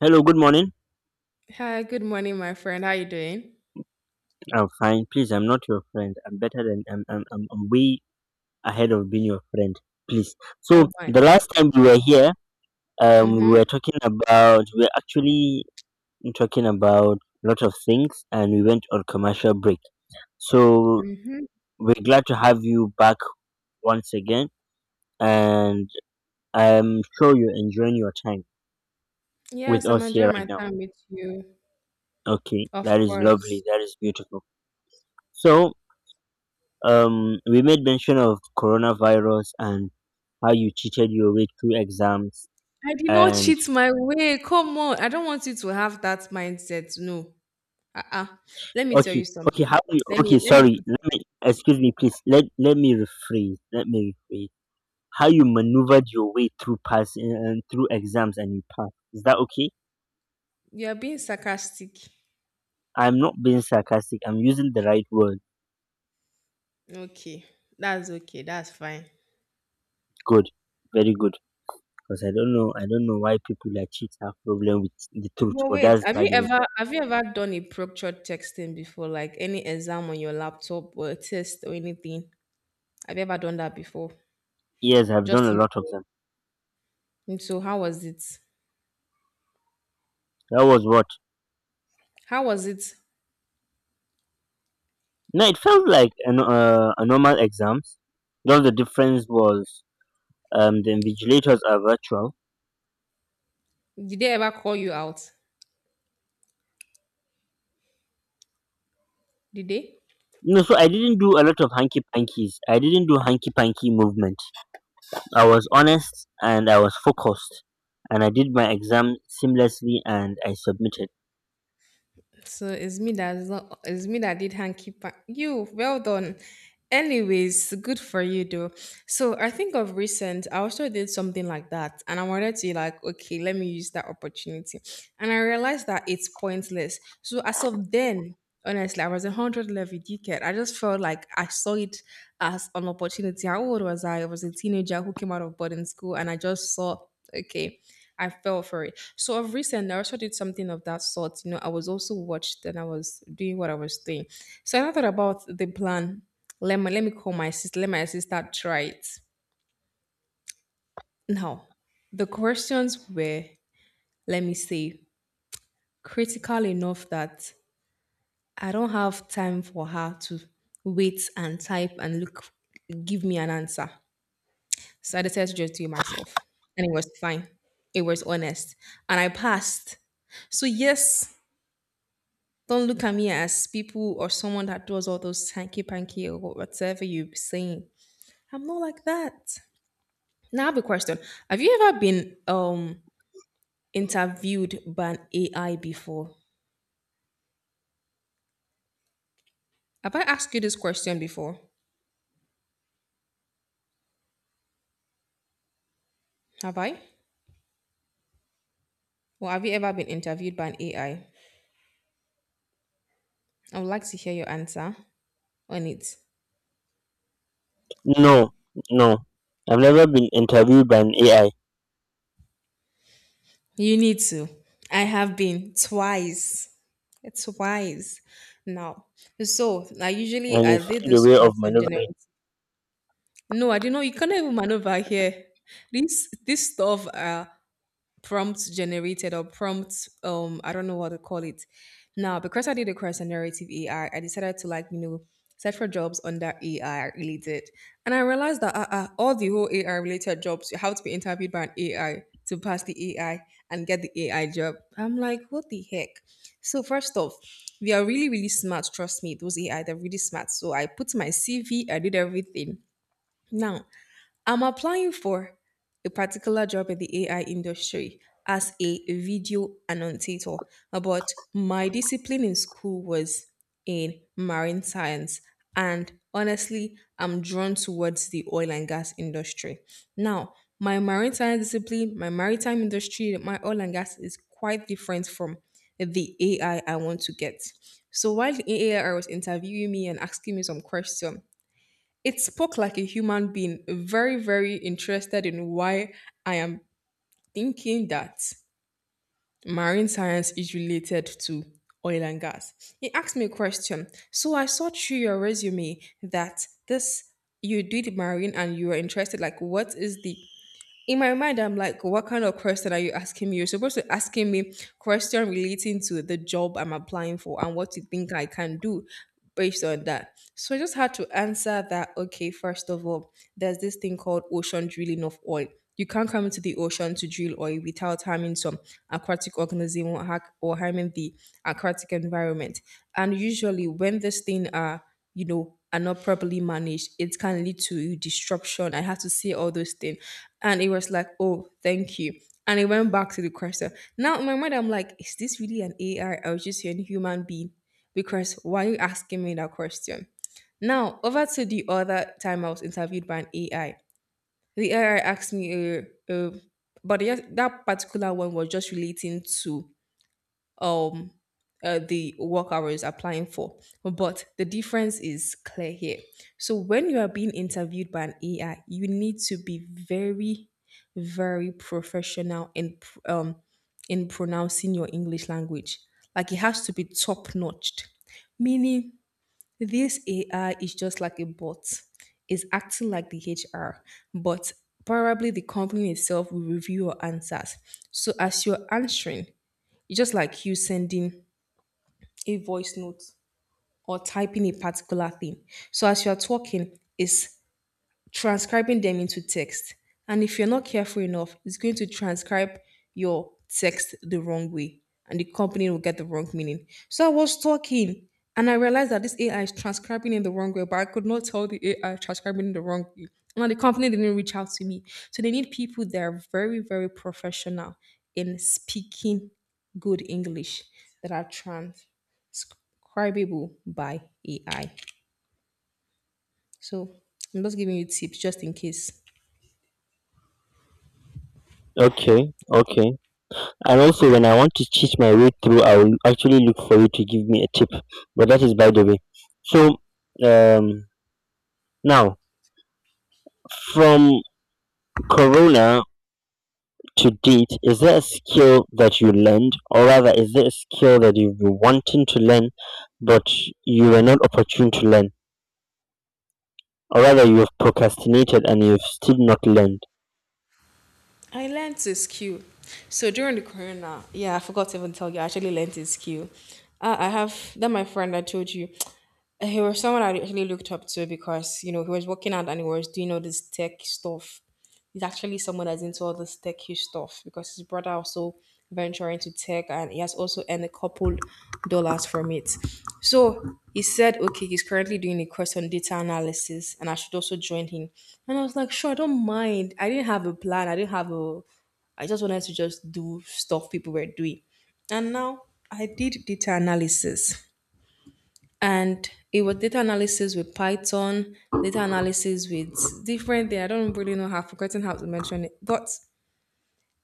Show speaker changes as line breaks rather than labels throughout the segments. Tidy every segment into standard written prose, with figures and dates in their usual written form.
Hello, good morning.
Hi, good morning, my friend. How you doing?
I'm fine. Please, I'm not your friend. I'm better than I'm way ahead of being your friend. Please. So
Oh my.
the last time we were here,
Mm-hmm.
we were actually talking about a lot of things, and we went on commercial break. So
Mm-hmm.
we're glad to have you back once again, and I'm sure you're enjoying your time with
Yes, I'm
us here
enjoying
right
my
now.
time with you.
Okay,
Of
that is lovely.
course.
That is beautiful. So we made mention of coronavirus and how you cheated your way through exams
I did not
and
cheat my way. Come on. I don't want you to have that mindset. No. Uh-uh. Let me tell
okay,
you
okay,
something.
how you
Let me
okay,
let me
sorry,
put
let
it
me
like
excuse me, please, let me rephrase, how you maneuvered your way through passing and through exams, and you passed. Is that okay?
you're being sarcastic.
I'm not being sarcastic, I'm using the right word.
Okay. That's okay. That's fine.
Good, very good. Because I don't know why people like cheats have problem with the truth,
But
but
wait,
that's
have
by
you
the way.
ever have you ever done a proctored texting before, like any exam on your laptop or a test or anything? Have you ever done that before?
Yes, I've done a
Just in
lot of
your.
them.
And so how was it?
That was what?
How was it?
No, it felt like a normal exams. Just the difference was the invigilators are virtual.
Did they ever call you out? Did they?
No, so I didn't do a lot of hanky pankies. I didn't do hanky panky movement. I was honest and I was focused, and I did my exam seamlessly and I submitted.
So it's me that did hanky panky. You, well done. Anyways, good for you though. So I think of recent, I also did something like that, and I wanted to like, okay, let me use that opportunity, and I realized that it's pointless. So as of then, honestly, I was a hundred level dickhead. I just felt like I saw it as an opportunity. How old was I? I was a teenager who came out of boarding school, and I just saw, okay, I fell for it. So of recent, I also did something of that sort. You know, I was also watched and I was doing what I was doing. So I thought about the plan. Let me call my sister. Let my sister try it. Now, the questions were, let me say, critical enough that I don't have time for her to wait and type and look, give me an answer. So I decided to just do it myself, and it was fine. It was honest, and I passed. So yes, don't look at me as people or someone that does all those hanky panky or whatever you be saying. I'm not like that. Now I have a question. Have you ever been interviewed by an AI before? Have I asked you this question before? Have I? Or have you ever been interviewed by an AI? I would like to hear your answer on it.
No, no, I've never been interviewed by an AI,
You need to. I have been twice. Twice. Now, so I usually
and you
I did
find a
this
way of
course on
maneuvering.
generative. No, I don't know. You can't even maneuver here. This stuff are prompt generated or prompt I don't know what to call it. Now because I did a course on narrative AI, I decided to like you know search for jobs under AI related, and I realized that all the whole AI related jobs you have to be interviewed by an AI to pass the AI and get the AI job. I'm like, what the heck? So first off, we are really really smart. Trust me, those AI they're really smart. So I put my CV, I did everything. Now, I'm applying for a particular job in the AI industry as a video annotator, but my discipline in school was in marine science. And honestly, I'm drawn towards the oil and gas industry. Now, my marine science discipline, my maritime industry, my oil and gas is quite different from the AI I want to get. So while the AI was interviewing me and asking me some questions, it spoke like a human being, very, very interested in why I am thinking that marine science is related to oil and gas. He asked me a question. So I saw through your resume that this you did marine and you were interested. Like, what is the in my mind, I'm like, what kind of question are you asking me? You're supposed to asking me question relating to the job I'm applying for and what you think I can do based on that. So I just had to answer that, okay, first of all, there's this thing called ocean drilling of oil. You can't come into the ocean to drill oil without harming some aquatic organism, or harming the aquatic environment. And usually when this thing are, you know, are not properly managed, it can lead to disruption. I had to say all those things. And it was like, oh, thank you. And it went back to the question. Now in my mind, I'm like, is this really an AI? I was just hearing human being. Because why are you asking me that question? Now, over to the other time I was interviewed by an AI. The AI asked me, uh, but yes, that particular one was just relating to um the work hours applying for. But the difference is clear here. So when you are being interviewed by an AI, you need to be very, very professional in in pronouncing your English language. Like it has to be top notched. Meaning this AI is just like a bot. It's acting like the HR, but probably the company itself will review your answers. So as you're answering, it's just like you sending a voice note or typing a particular thing. So as you're talking, it's transcribing them into text. And if you're not careful enough, it's going to transcribe your text the wrong way and the company will get the wrong meaning. So I was talking and I realized that this AI is transcribing in the wrong way, but I could not tell the AI transcribing in the wrong way. And the company didn't reach out to me. So they need people that are very, very professional in speaking good English that are transcribable by AI. So I'm just giving you tips just in case.
Okay, okay. And also when I want to cheat my way through, I will actually look for you to give me a tip. But that is by the way. So, um, now, from Corona to date, is there a skill that you learned, or rather, is there a skill that you've been wanting to learn, but you were not opportune to learn, or rather, you have procrastinated and you've still not learned?
I learned to skew. So during the corona, yeah, I forgot to even tell you, I actually learned to skew. I have that my friend I told you. He was someone I actually looked up to because you know he was working out and he was doing all this tech stuff. He's actually someone that's into all this techy stuff because his brother also venture into tech and he has also earned a couple dollars from it. So he said, okay, he's currently doing a course on data analysis and I should also join him. And I was like, sure, I don't mind. I didn't have a plan. I didn't have a, I just wanted to just do stuff people were doing. And now I did data analysis. And it was data analysis with Python, data analysis with different thing. I don't really know how I've forgotten how to mention it. But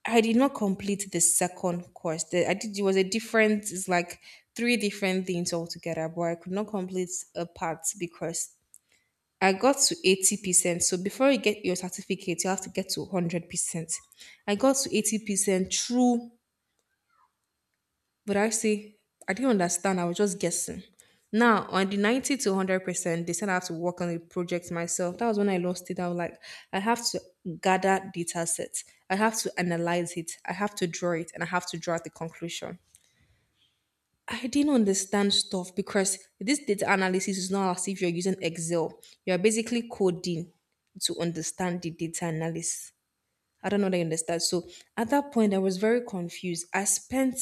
I did not complete the second course. The, I did it was a different, it's like three different things altogether, but I could not complete a part because I got to 80%. So before you get your certificate, you have to get to 100%. I got to 80% through but I see, I didn't understand. I was just guessing. Now, on the 90 to 100%, they said I have to work on a project myself. That was when I lost it. I was like, I have to gather data sets. I have to analyze it. I have to draw it and I have to draw the conclusion. I didn't understand stuff because this data analysis is not as if you're using Excel. You're basically coding to understand the data analysis. I don't know that you understand. So at that point, I was very confused. I spent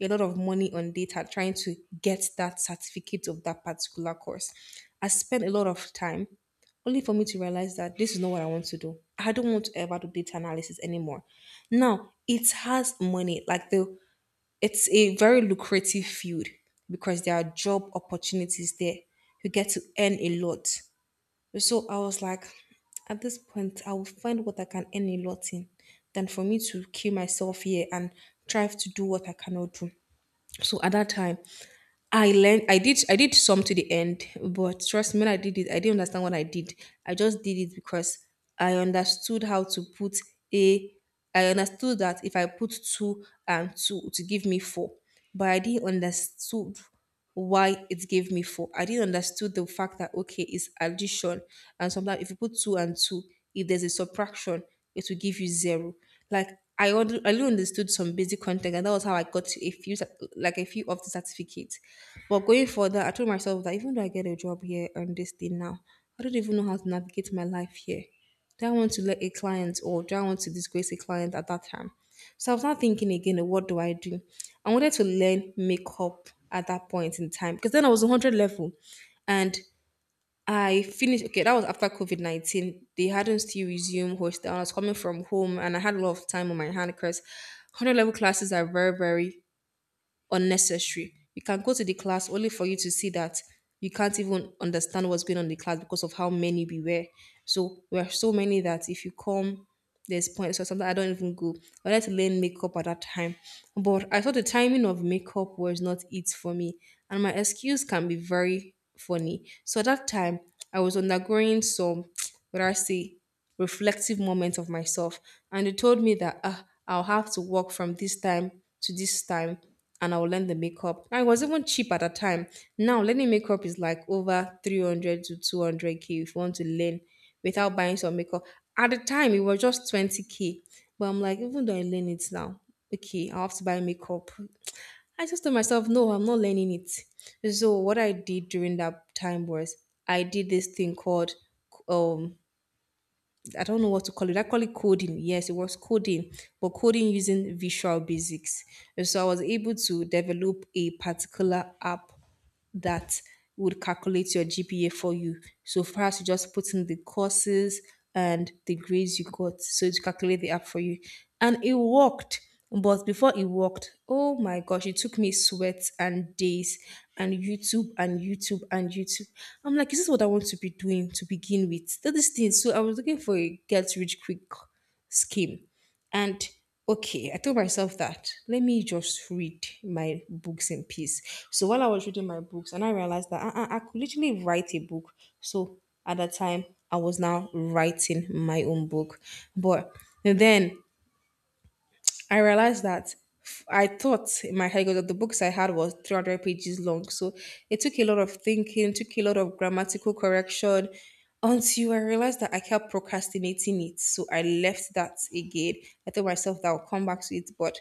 a lot of money on data trying to get that certificate of that particular course. I spent a lot of time only for me to realize that this is not what I want to do. I don't want to ever do data analysis anymore. Now, it has money, like the it's a very lucrative field because there are job opportunities there. You get to earn a lot. So I was like, at this point, I will find what I can earn a lot in than for me to kill myself here and try to do what I cannot do. So at that time, I learned I did some to the end, but trust me, when I did it, I didn't understand what I did. I just did it because I understood how to put a. I understood that if I put two and two to give me four, but I didn't understood why it gave me four. I didn't understood the fact that okay, it's addition, and sometimes if you put two and two, if there's a subtraction, it will give you zero. Like I only understood some basic content, and that was how I got to a few cer- like a few of the certificates. But going further, I told myself that even though I get a job here on this thing now, I don't even know how to navigate my life here. Do I want to let a client or do I want to disgrace a client at that time? So I was not thinking again, what do? I wanted to learn makeup at that point in time because then I was 100 level and I finished. Okay, that was after COVID 19. They hadn't still resumed hostel. I was coming from home and I had a lot of time on my hand because 100 level classes are very, very unnecessary. You can go to the class only for you to see that you can't even understand what's going on in the class because of how many we were. So we are so many that if you come, there's points or something I don't even go. I like to learn makeup at that time. But I thought the timing of makeup was not it for me. And my excuse can be very funny. So at that time I was undergoing some what I say reflective moment of myself. And they told me that ah, I'll have to work from this time to this time and I'll learn the makeup. And it was even cheap at that time. Now, learning makeup is like over 300 to 200k if you want to learn without buying some makeup. At the time, it was just 20k. But I'm like, even though I learn it now, okay, I'll have to buy makeup. I just told myself, no, I'm not learning it. So what I did during that time was I did this thing called um I don't know what to call it. I call it coding. Yes, it was coding, but coding using Visual Basics. And so I was able to develop a particular app that would calculate your GPA for you. So first, you just put in the courses and the grades you got. So it calculate the app for you, and it worked. But before it worked, oh my gosh, it took me sweat and days and YouTube and YouTube and YouTube. I'm like, is this what I want to be doing to begin with? That this thing. So I was looking for a get rich quick scheme. And okay, I told myself that let me just read my books in peace. So while I was reading my books, and I realized that uh-uh, I could literally write a book. So at that time, I was now writing my own book. But then I realized that I thought in my head 'cause the books I had was 300 pages long. So it took a lot of thinking, took a lot of grammatical correction until I realized that I kept procrastinating it. So I left that again. I told myself that I'll come back to it. But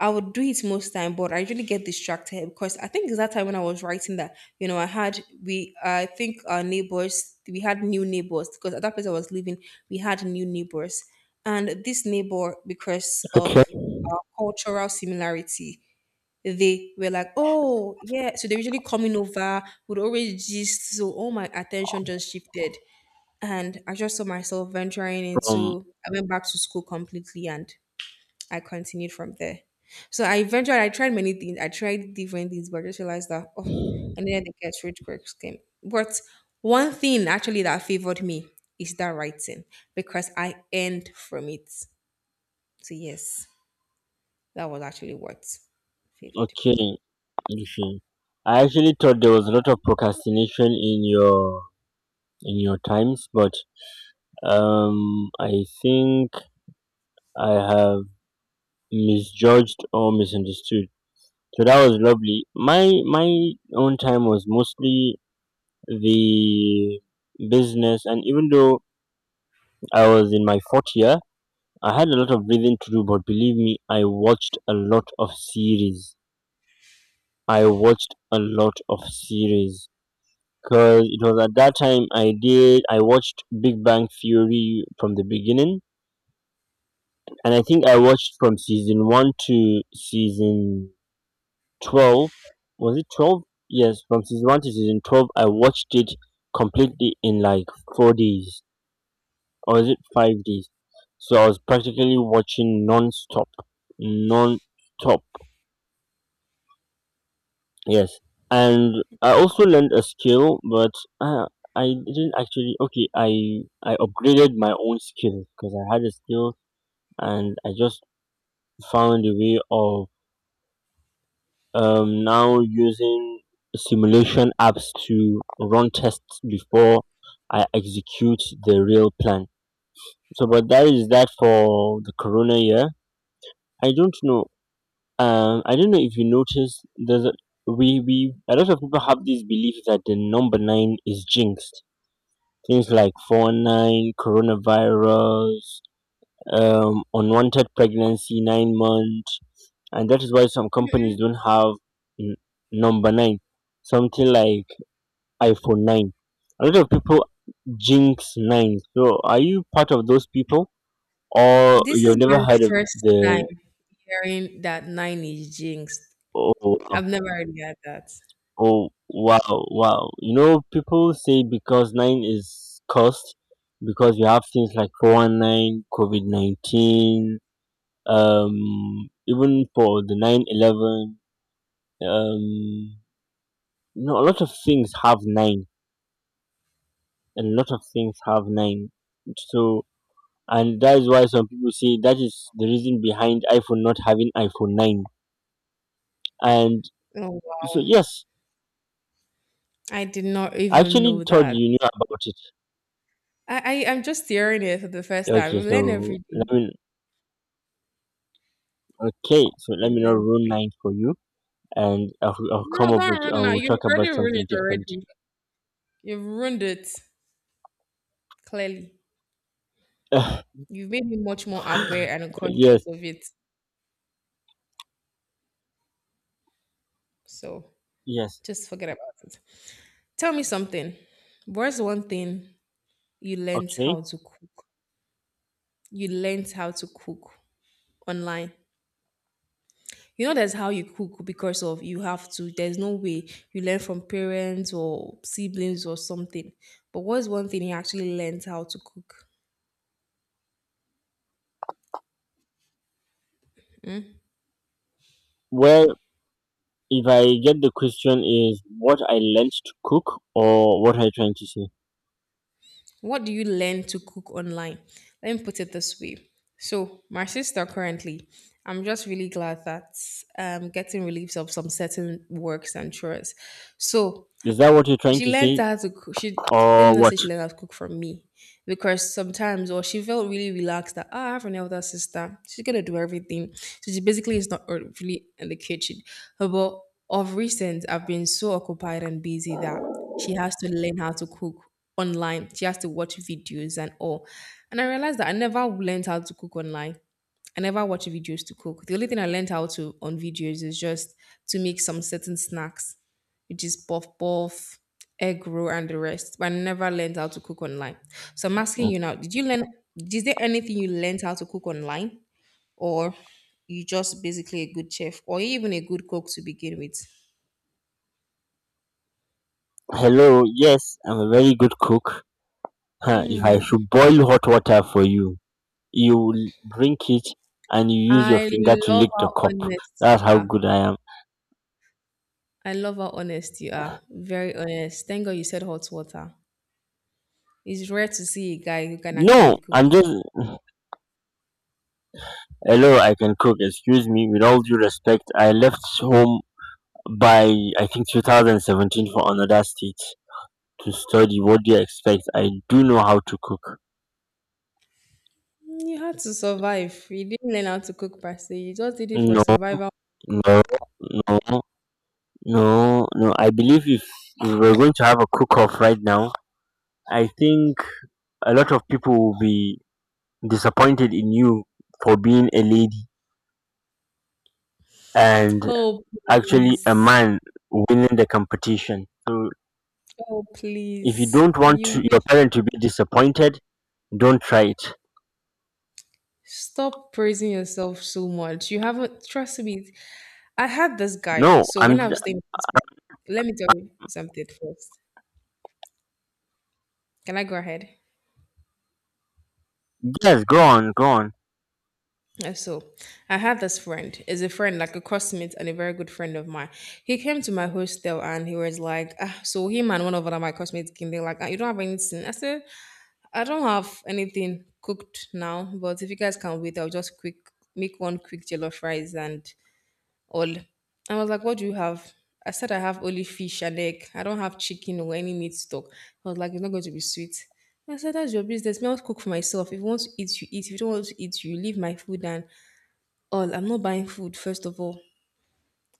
I would do it most time, but I usually get distracted because I think it's that time when I was writing that, you know, I think our neighbors we had new neighbors because at that place I was living, we had new neighbors. And this neighbor, because of
Okay.
our cultural similarity, they were like, Oh, yeah. So they're usually coming over, would always gist. So all my attention just shifted. And I just saw myself venturing
Um.
into I went back to school completely and I continued from there. So I eventually I tried many things. I tried different things, but I just realized that oh, I needed to get rich quick scheme. But one thing actually that favored me is that writing because I earned from it. So yes, that was actually what favored me.
Okay. Ife. I actually thought there was a lot of procrastination in your times, but I think I have misjudged or misunderstood. So that was lovely. My own time was mostly the business, and even though I was in my fourth year, I had a lot of reading to do. But believe me, I watched a lot of series. I watched a lot of series because it was at that time I did. I watched Big Bang Theory from the beginning, and I think I watched from season one to season 12. Was it 12? Yes, from season one to season 12, I watched it completely in like 4 days, or is it 5 days? So I was practically watching non-stop, non-stop. Yes, and I also learned a skill, but uh, I didn't actually. Okay, I upgraded my own skill because I had a skill and I just found a way of now using simulation apps to run tests before I execute the real plan. So, but that is that for the Corona year. I don't know. I don't know if you noticed. There's a, we a lot of people have this belief that the number nine is jinxed. Things like four nine, coronavirus, unwanted pregnancy, 9 months, and that is why some companies don't have n- number nine, something like iPhone 9. A lot of people jinx nine. So, are you part of those people, or
This is
you've never
my
heard of
first time
the?
hearing that nine is jinxed.
Oh, oh,
I've never really heard that.
oh, wow, wow! You know, people say because nine is cursed, because you have things like 419, COVID 19, even for the 9/11, um, a lot of things have nine, a lot of things have nine. So, and that is why some people say that is the reason behind iPhone not having iPhone 9. And
Oh
so
wow.
yes,
I did not
I
even
actually
know
thought
that.
you knew about it.
I'm just hearing it for the first time.
okay
We learn
so
every
let
day.
me okay so let
We
me not
learned
ruin
reading.
nine for you. And I'll
No,
come up
don't
with I
run that.
will
You've
talk
already
about
ruined it
something different.
already. You've ruined it, clearly. You've made me much more aware and
Yes,
conscious of it. So
yes.
just forget about it. Tell me something. What's one thing you learned
Okay,
how to cook? You learned how to cook online. You know, that's how you cook because of you have to. There's no way you learn from parents or siblings or something. But what's one thing you actually learned how to cook?
well, if I get the question is what I learned to cook, or what are you trying to say?
What do you learn to cook online? Let me put it this way. So, my sister currently, I'm just really glad that I'm getting reliefs of some certain works and chores. So,
Is that what you're trying
she
to
learned
say,
how to cook. She let me
or
not
what?
say she learned how to cook from me because sometimes, or she felt really relaxed that "Ah, I have an elder sister. She's gonna do everything." So she basically is not really in the kitchen. But of recent, I've been so occupied and busy that she has to learn how to cook online. She has to watch videos and all. And I realized that I never learned how to cook online. I never watch videos to cook. The only thing I learned how to on videos is just to make some certain snacks which is puff puff, egg roll, and the rest. But I never learned how to cook online. So I'm asking you now: did you learn? Is there anything you learned how to cook online, or you just basically a good chef, or even a good cook to begin with?
Hello, yes, I'm a very good cook. Huh, if I
Mm.
should boil hot water for you, you will drink it and you use your
I
finger to
love
lick the
how
cup.
honest you
That's how
are.
good I am.
I love how honest you are. Very honest. Thank God you said hot water. It's rare to see a guy who can
No,
actually
I'm
cook.
just. Hello, I can cook. Excuse me. With all due respect, I left home by, I think, 2017 for another state to study. What do you expect? I do know how to cook.
Mm, you had to survive. You didn't learn how to cook per se. You just did it for
No,
survival.
no, no, no, no. I believe if we're going to have a cook off right now, I think a lot of people will be disappointed in you for being a lady and
Oh,
actually a
please.
man winning the competition. So
Oh,
if you
please.
don't want
You
to, your
wish-
parent to be disappointed, don't try it.
stop praising yourself so much. You haven't, trust me. I had this guy.
No,
So
I'm
when I was staying with this guy, let me tell you something first. Can I go ahead?
yes, go on, go on.
So I had this friend. Is a friend, like a classmate and a very good friend of mine. He came to my hostel and he was like, ah, so him and one of other my classmates came. They're like, ah, you don't have anything. I said, I don't have anything cooked now, but if you guys can wait, I'll just quick make one quick jollof rice and all. I was like, what do you have? I said I have only fish and egg. I don't have chicken or any meat stock. I was like, it's not going to be sweet. I said, that's your business. Me, I'll cook for myself. If you want to eat, you eat. If you don't want to eat, you leave my food and all. I'm not buying food, first of all.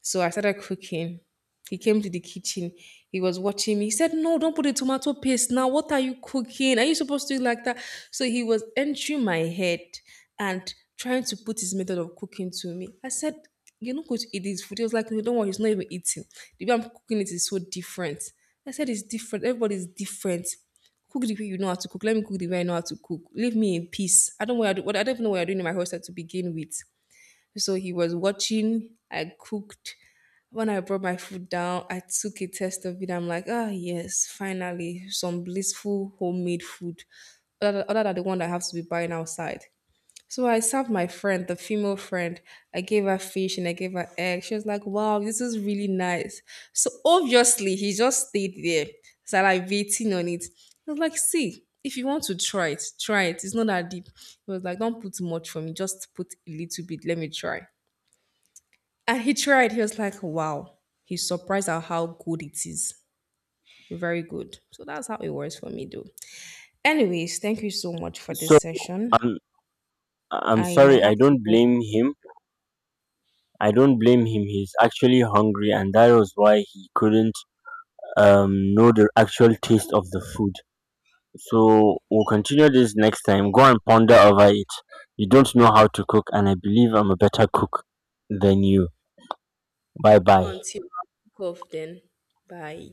So I started cooking. He came to the kitchen. He was watching me. He said, no, don't put the tomato paste now. What are you cooking? Are you supposed to do it like that? So he was entering my head and trying to put his method of cooking to me. I said, you are not going to eat this food. He was like, no, don't worry, he's not even eating. The way I'm cooking it is so different. I said, it's different. Everybody's different. Cook the way you know how to cook. Let me cook the way I know how to cook. Leave me in peace. I don't even know what I'm doing in my house to begin with. So he was watching. I cooked. When I brought my food down, I took a taste of it. I'm like, ah, yes, finally, some blissful homemade food other than the one that I have to be buying outside. So I served my friend, the female friend. I gave her fish and I gave her egg. She was like, wow, this is really nice. So obviously, he just stayed there, salivating on it. I was like, see, if you want to try it, try it. It's not that deep. He was like, don't put too much for me, just put a little bit. Let me try. And he tried. He was like, wow. He's surprised at how good it is. Very good. So that's how it works for me, though. Anyways, thank you so much for
So
this session.
I'm I'm
I might
sorry, I
have to
don't
go
blame him. I don't blame him. He's actually hungry and that was why he couldn't know the actual taste of the food. So we'll continue this next time. Go and ponder over it. You don't know how to cook, and I believe I'm a better cook than you. Bye bye.
until I cough then. Bye.